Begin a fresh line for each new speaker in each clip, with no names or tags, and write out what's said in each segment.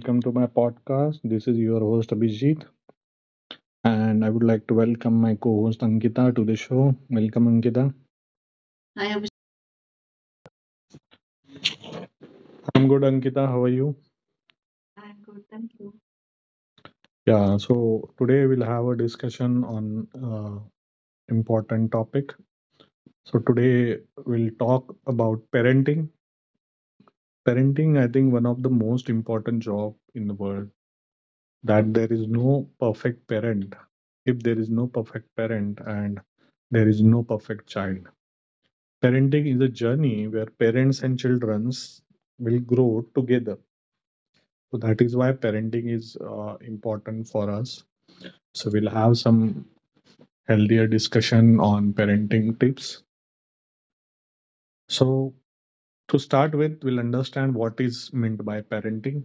Welcome to my podcast. This is your host Abhijit, and I would like to welcome my co host Ankita to the show. Welcome, Ankita. Hi, Abhishek. I'm good, Ankita. How are you? I'm good, thank you. Yeah, so today we'll have a discussion on important topic. So today we'll talk about parenting. Parenting, I think, one of the most important job in the world. That there is no perfect parent. If there is no perfect parent, and there is no perfect child. Parenting is a journey where parents and children will grow together. So that is why parenting is important for us. So we'll have some healthier discussion on parenting tips. So to start with, we'll understand what is meant by parenting.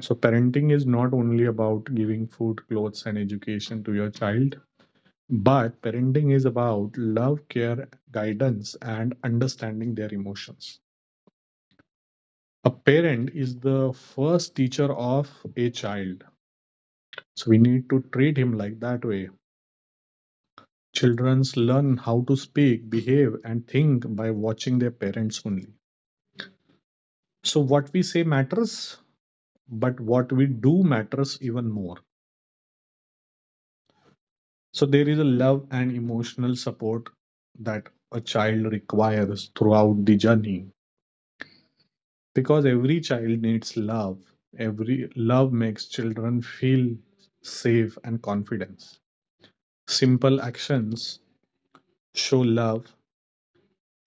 So parenting is not only about giving food, clothes, and education to your child, but parenting is about love, care, guidance, and understanding their emotions. A parent is the first teacher of a child, so we need to treat him like that way. Children learn how to speak, behave, and think by watching their parents only. So what we say matters, but what we do matters even more. So there is a love and emotional support that a child requires throughout the journey, because every child needs love. Every love makes children feel safe and confidence. Simple actions show love,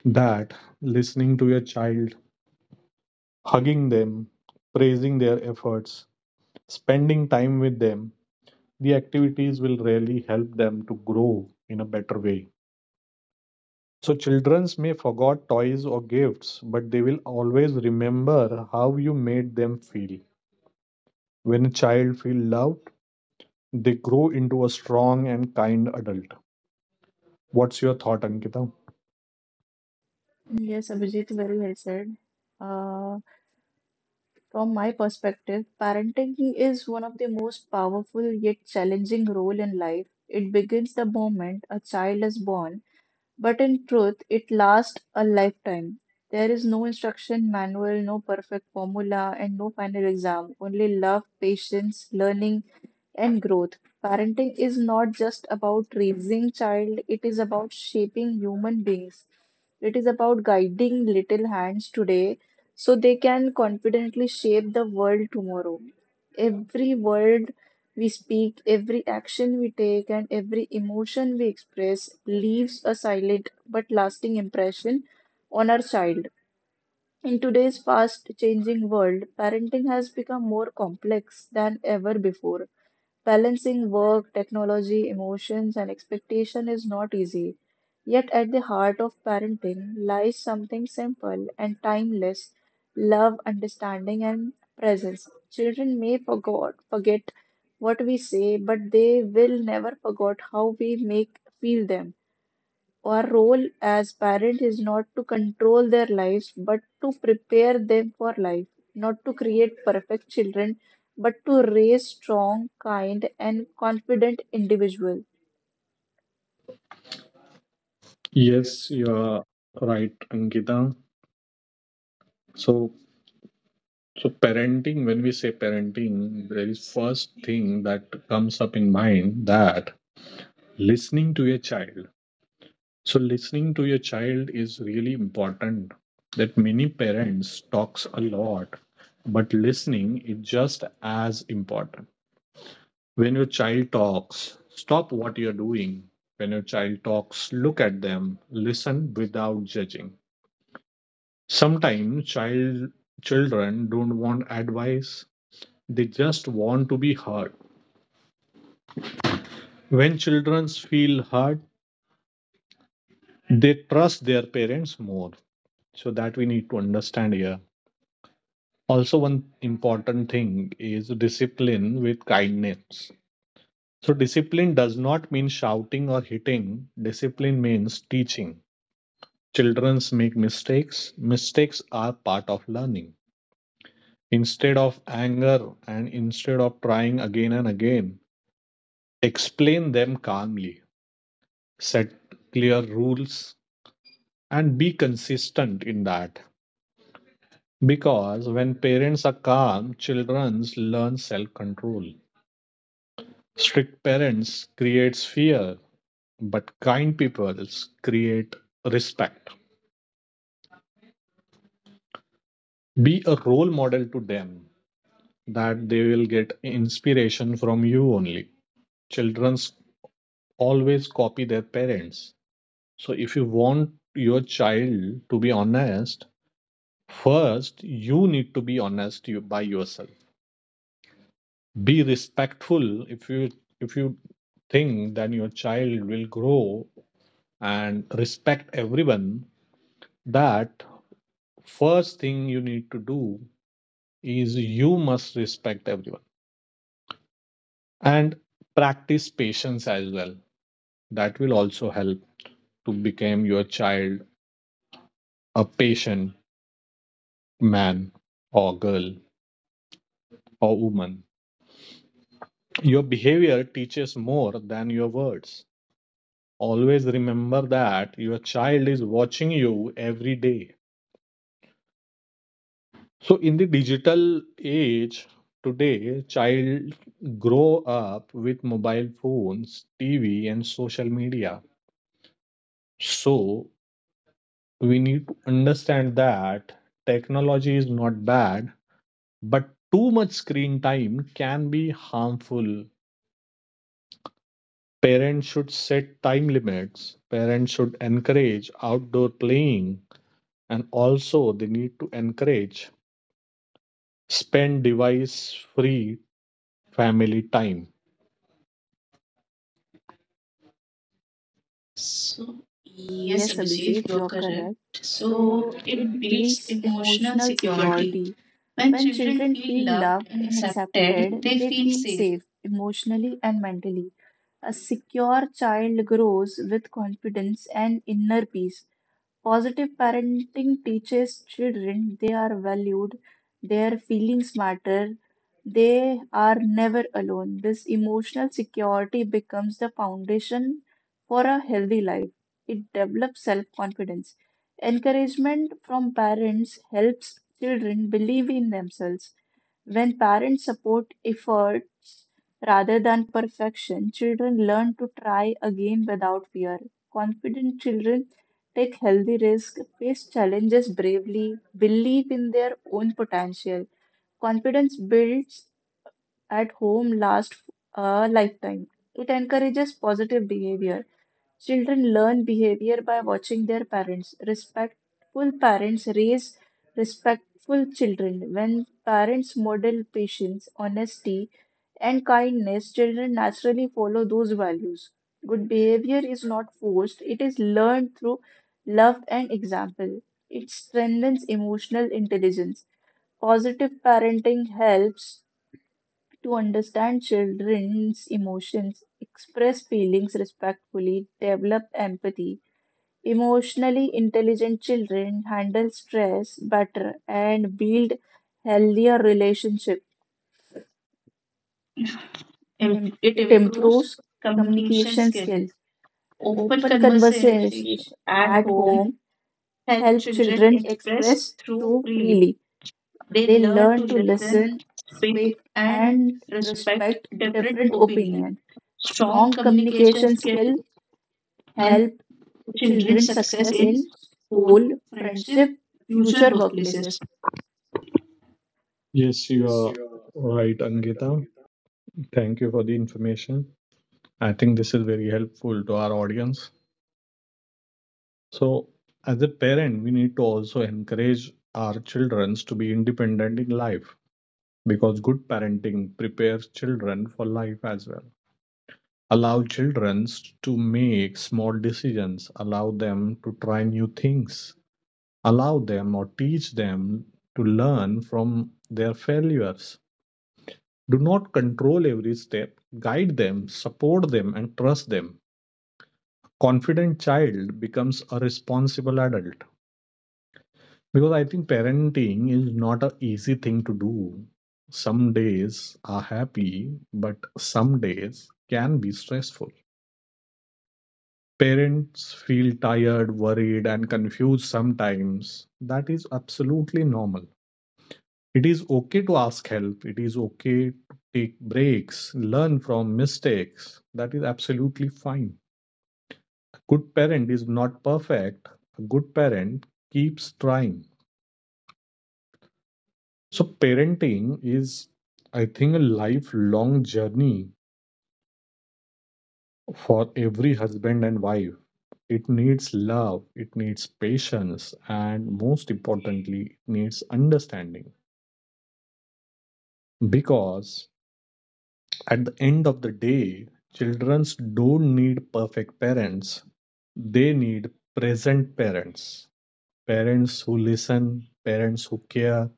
that listening to your child, hugging them, praising their efforts, spending time with them, the activities will really help them to grow in a better way. So childrens may forgot toys or gifts, but they will always remember how you made them feel. When a child feel loved, they grow into a strong and kind adult. What's your thought, Ankita?
Yes, Abhijit, very well said. Uh, from my perspective, parenting is one of the most powerful yet challenging role in life. It begins the moment a child is born, but in truth, it lasts a lifetime. There is no instruction manual, no perfect formula, and no final exam, only love, patience, learning, and growth. Parenting is not just about raising child, it is about shaping human beings. It is about guiding little hands today so they can confidently shape the world tomorrow. Every word we speak, every action we take, and every emotion we express leaves a silent but lasting impression on our child. In today's fast changing world, parenting has become more complex than ever before. Balancing work, technology, emotions, and expectation is not easy. Yet at the heart of parenting lies something simple and timeless, love, understanding, and presence. Children may forget what we say, but they will never forget how we make feel them. Our role as parent is not to control their lives, but to prepare them for life, not to create perfect children, but to raise strong, kind, and confident individuals.
Yes, you are right, Ankita. So So parenting, when we say parenting, there is first thing that comes up in mind, that listening to your child. So listening to your child is really important. That many parents talks a lot, but listening is just as important. When your child talks, stop what you're doing. When your child talks, look at them, listen without judging. Sometimes children don't want advice. They just want to be heard. When children feel heard, they trust their parents more. So that we need to understand here. Also, one important thing is discipline with kindness. So, discipline does not mean shouting or hitting, discipline means teaching. Children make mistakes, mistakes are part of learning. Instead of anger and instead of trying again and again, explain them calmly, set clear rules, and be consistent in that, because when parents are calm, children learn self control. Strict parents creates fear, but kind people create respect. Be a role model to them, that they will get inspiration from you only. Children always copy their parents. So if you want your child to be honest, first you need to be honest, by yourself. Be respectful. If you think, then your child will grow and respect everyone. That first thing you need to do is you must respect everyone and practice patience as well. That will also help to become your child a patient man or girl or woman. Your behavior teaches more than your words. Always remember that your child is watching you every day. So in the digital age today, child grow up with mobile phones, TV, and social media. So we need to understand that technology is not bad, but too much screen time can be harmful. Parents should set time limits. Parents should encourage outdoor playing, and also they need to encourage spend device free family time. So, yes,
Yes,
Abhijit,
Abhijit,
you're
you're
correct.
correct.
So,
So
it
it
builds
builds
emotional
emotional
security.
security.
When
When
children
children
feel
feel
loved
loved
and
and
accepted,
accepted,
they
they
feel
feel
safe.
safe emotionally and mentally. A secure child grows with confidence and inner peace. Positive parenting teaches children they are valued, their feelings matter, they are never alone. This emotional security becomes the foundation for a healthy life. It develops self confidence. Encouragement from parents helps children believe in themselves. When parents support efforts rather than perfection, children learn to try again without fear. Confident children take healthy risks, face challenges bravely, believe in their own potential. Confidence builds at home lasts a lifetime. It encourages positive behavior. Children learn behavior by watching their parents. Respectful parents raise respectful children. When parents model patience, honesty, and kindness, children naturally follow those values. Good behavior is not forced, it is learned through love and example. It strengthens emotional intelligence. Positive parenting helps to understand children's emotions, express feelings respectfully, develop empathy. Emotionally intelligent children handle stress better and build healthier relationships.
It
It
improves
improves
communication
communication
skills.
skills.
Open
Open
conversation
conversation
at
at
home
home
help
help
children
children
express
express
through
through
freely.
freely.
They
They
learn to
learn to
listen,
listen,
speak,
speak,
and
and
respect
respect
different
different
opinions.
opinions
Strong
strong
communication
communication
skills
skill
help
help
children
children
success
success in
in school,
school,
friendship,
friendship,
future
future workplaces.
workplaces. Yes, you are right, Angita. Thank you for the information. I think this is very helpful to our audience. So, as a parent, we need to also encourage our children to be independent in life, because good parenting prepares children for life as well. Allow children to make small decisions, allow them to try new things, allow them or teach them to learn from their failures. Do not control every step, guide them, support them, and trust them. Confident child becomes a responsible adult. Because I think parenting is not a easy thing to do. Some days are happy, but some days can be stressful. Parents feel tired, worried, and confused sometimes. That is absolutely normal. It is okay to ask help, it is okay to take breaks, learn from mistakes. That is absolutely fine. A good parent is not perfect, a good parent keeps trying. So, parenting is, I think, a lifelong journey for every husband and wife. It needs love, it needs patience, and most importantly, it needs understanding. Because at the end of the day, children don't need perfect parents, they need present parents. Parents who listen, parents who care,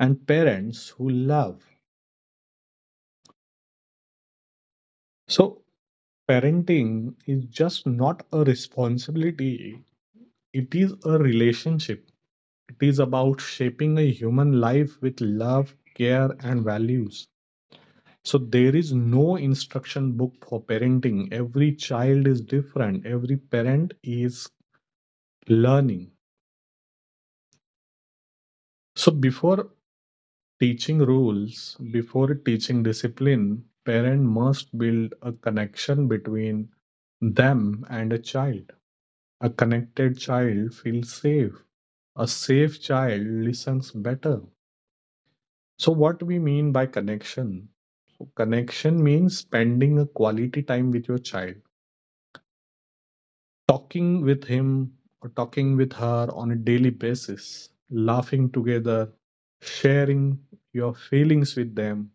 and parents who love. So, parenting is just not a responsibility, it is a relationship. It is about shaping a human life with love, care, and values. So, there is no instruction book for parenting. Every child is different, every parent is learning. So, before teaching rules, before teaching discipline, parent must build a connection between them and a child. A connected child feels safe, a safe child listens better. So, what we mean by connection? So connection means spending a quality time with your child, talking with him or talking with her on a daily basis, laughing together, sharing your feelings with them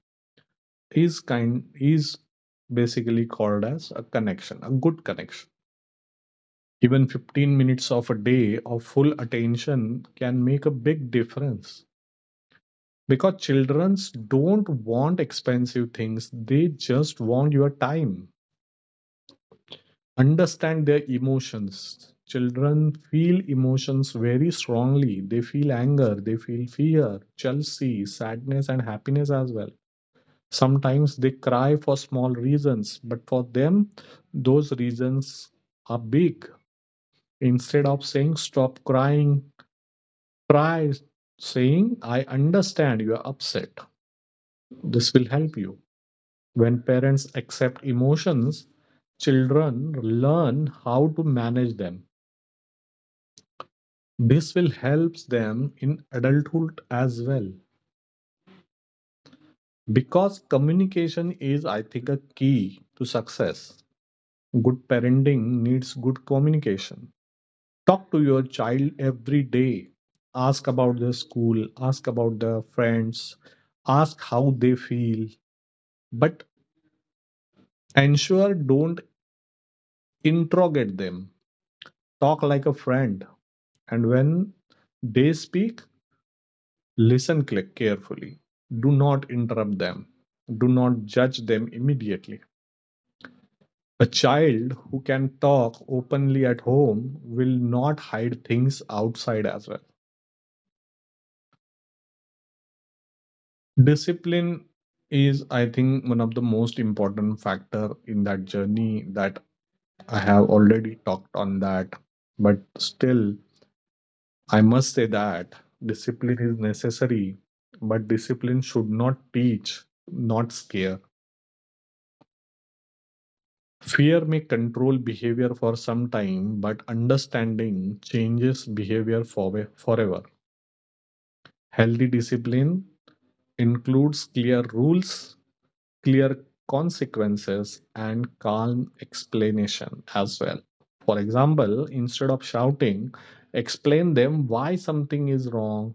is kind is basically called as a connection, a good connection. Even 15 minutes of a day of full attention can make a big difference, because childrens don't want expensive things. They just want your time. Understand their emotions. Children feel emotions very strongly. They feel anger, they feel fear, jealousy, sadness, and happiness as well. Sometimes they cry for small reasons, but for them those reasons are big. Instead of saying stop crying, try saying I understand you are upset. This will help you. When parents accept emotions, children learn how to manage them. This will help them in adulthood as well. Because communication is, I think, a key to success. Good parenting needs good communication. Talk to your child every day. Ask about their school, ask about their friends, ask how they feel, but ensure don't interrogate them. Talk like a friend. And when they speak, listen carefully. Do not interrupt them. Do not judge them immediately. A child who can talk openly at home will not hide things outside as well. Discipline is, I think, one of the most important factor in that journey that I have already talked on that. But still, I must say that discipline is necessary, but discipline should not teach, not scare. Fear may control behavior for some time, but understanding changes behavior forever. Healthy discipline includes clear rules, clear consequences, and calm explanation as well. For example, instead of shouting, explain them why something is wrong.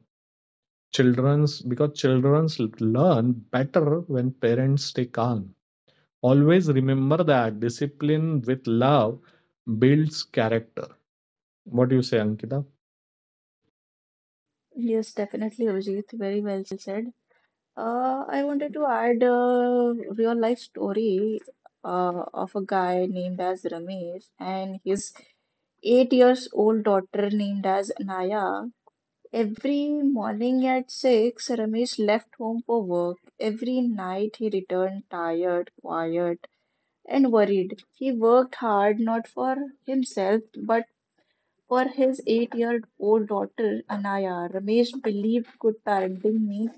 Children's Because children's learn better when parents stay calm. Always remember that discipline with love builds character. What do you say, Ankita?
Yes, definitely, Abhijit. Very well said. I wanted to add a real life story of a guy named as Ramesh and his 8 years old daughter named as Naya. Every morning at 6, Ramesh left home for work. Every night he returned tired, quiet, and worried. He worked hard not for himself but for his 8 year old daughter Anaya. Ramesh believed good parenting means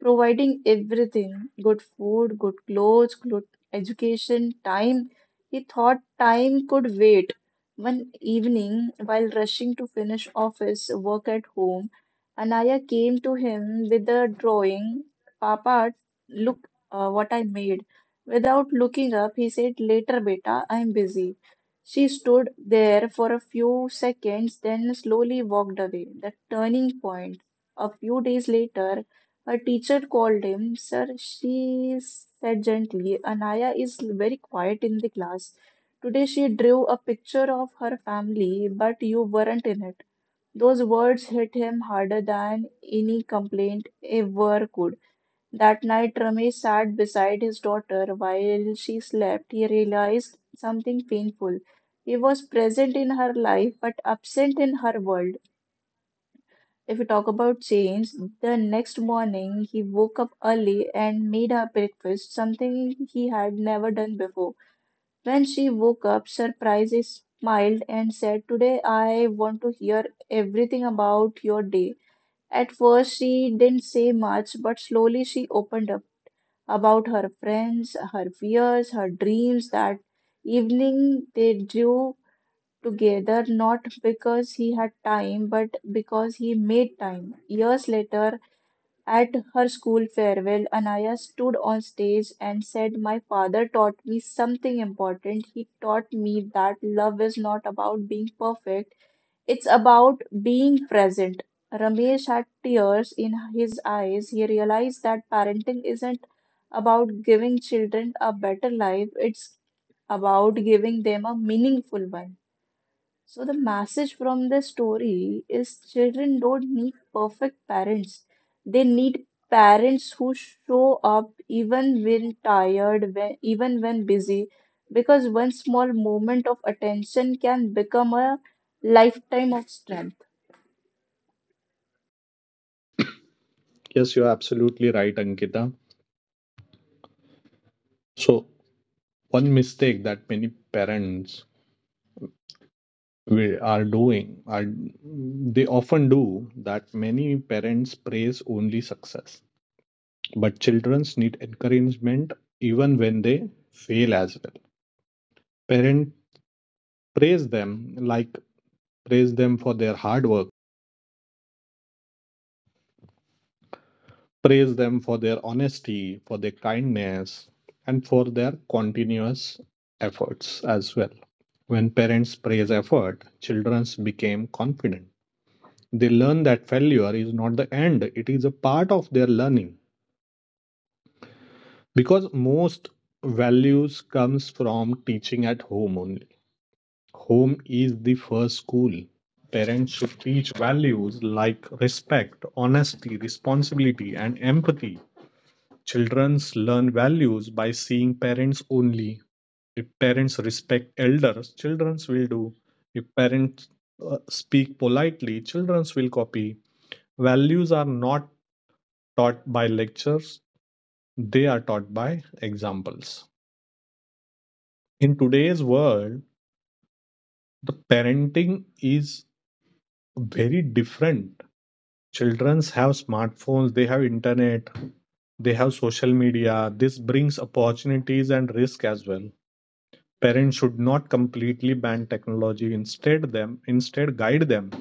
providing everything good food, good clothes, good education, time. He thought time could wait. One evening, while rushing to finish office work at home, Anaya came to him with a drawing. Papa, look what I made. Without looking up, he said, later, beta, I'm busy. She stood there for a few seconds, then slowly walked away. The turning point. A few days later, a teacher called him, sir, she said gently, Anaya is very quiet in the class. Today she drew a picture of her family, but you weren't in it. Those words hit him harder than any complaint ever could. That night, Ramesh sat beside his daughter while she slept. He realized something painful. He was present in her life, but absent in her world. If we talk about change, the next morning he woke up early and made her breakfast, something he had never done before. When she woke up, surprised, he smiled and said, today I want to hear everything about your day. At first, she didn't say much, but slowly she opened up about her friends, her fears, her dreams. That evening, they drew together not because he had time but because he made time years later at her school farewell, Anaya stood on stage and said, my father taught me something important. He taught me that love is not about being perfect, it's about being present. Ramesh had tears in his eyes. He realized that parenting isn't about giving children a better life, it's about giving them a meaningful one. So the message from this story is children don't need perfect parents. They need parents who show up even when tired, even when busy, because one small moment of attention can become a lifetime of strength.
Yes, you're absolutely right, Ankita. So one mistake that many parents we are doing are they often do, that many parents praise only success, but childrens need encouragement even when they fail as well. Parents praise them, like praise them for their hard work, praise them for their honesty, for their kindness, and for their continuous efforts as well. When parents praise effort, children become confident. They learn that failure is not the end, it is a part of their learning. Because most values comes from teaching at home only. Home is the first school. Parents should teach values like respect, honesty, responsibility, and empathy. Childrens learn values by seeing parents only. If parents respect elders, childrens will do. If parents speak politely, childrens will copy. Values are not taught by lectures, they are taught by examples. In today's world, the parenting is very different. Childrens have smartphones, they have internet, they have social media. This brings opportunities and risk as well. Parents should not completely ban technology. Instead, guide them.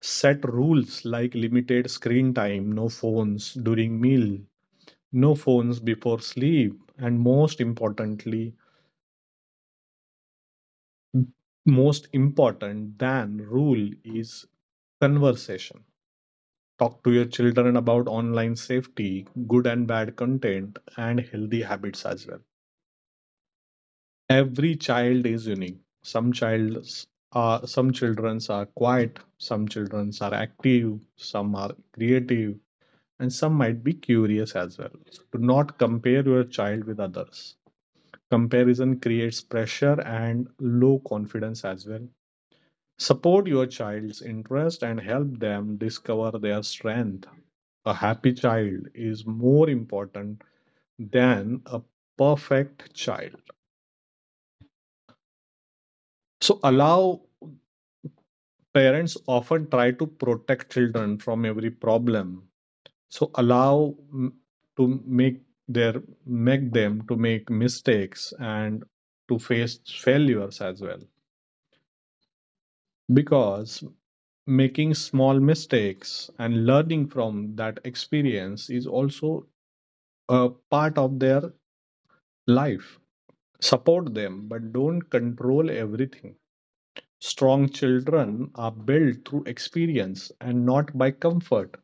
Set rules like limited screen time, no phones during meal, no phones before sleep, and most importantly, most important than rule is conversation. Talk to your children about online safety, good and bad content, and healthy habits as well. Every child is unique. Some childrens are quiet, some childrens are active, some are creative, and some might be curious as well. So do not compare your child with others. Comparison creates pressure and low confidence as well. Support your child's interest and help them discover their strength. A happy child is more important than a perfect child. So allow Parents often try to protect children from every problem. So allow to their make them to make mistakes and to face failures as well, because making small mistakes and learning from that experience is also a part of their life. Support them, but don't control everything. Strong children are built through experience and not by comfort.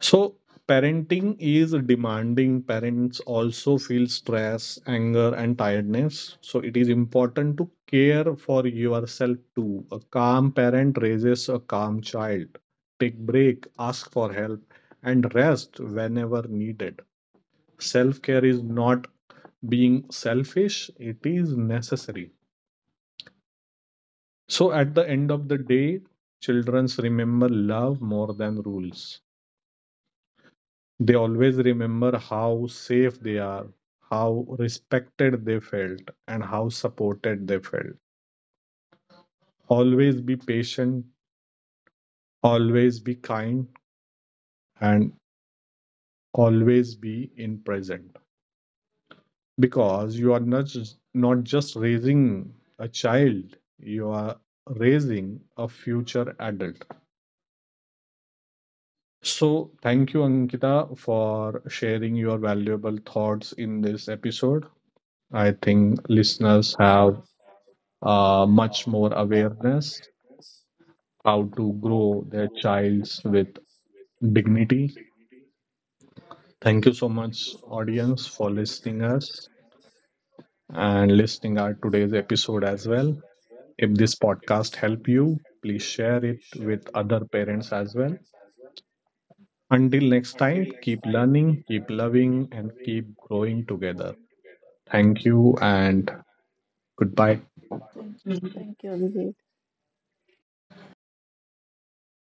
So parenting is demanding. Parents also feel stress, anger, and tiredness. So it is important to care for yourself too. A calm parent raises a calm child. Take break, ask for help, and rest whenever needed. Self care is not being selfish, it is necessary. So at the end of the day, children remember love more than rules. They always remember how safe they are, how respected they felt, and how supported they felt. Always be patient, always be kind, and always be in present. Because you are not just raising a child, you are raising a future adult. So, thank you, Ankita, for sharing your valuable thoughts in this episode. I think listeners have much more awareness how to grow their childs with dignity. Thank you so much, audience, for listening us and listening our today's episode as well. If this podcast help you, please share it with other parents as well. Until next time, keep learning, keep loving, and keep growing together. Thank you and goodbye.
Thank you, Abhijit.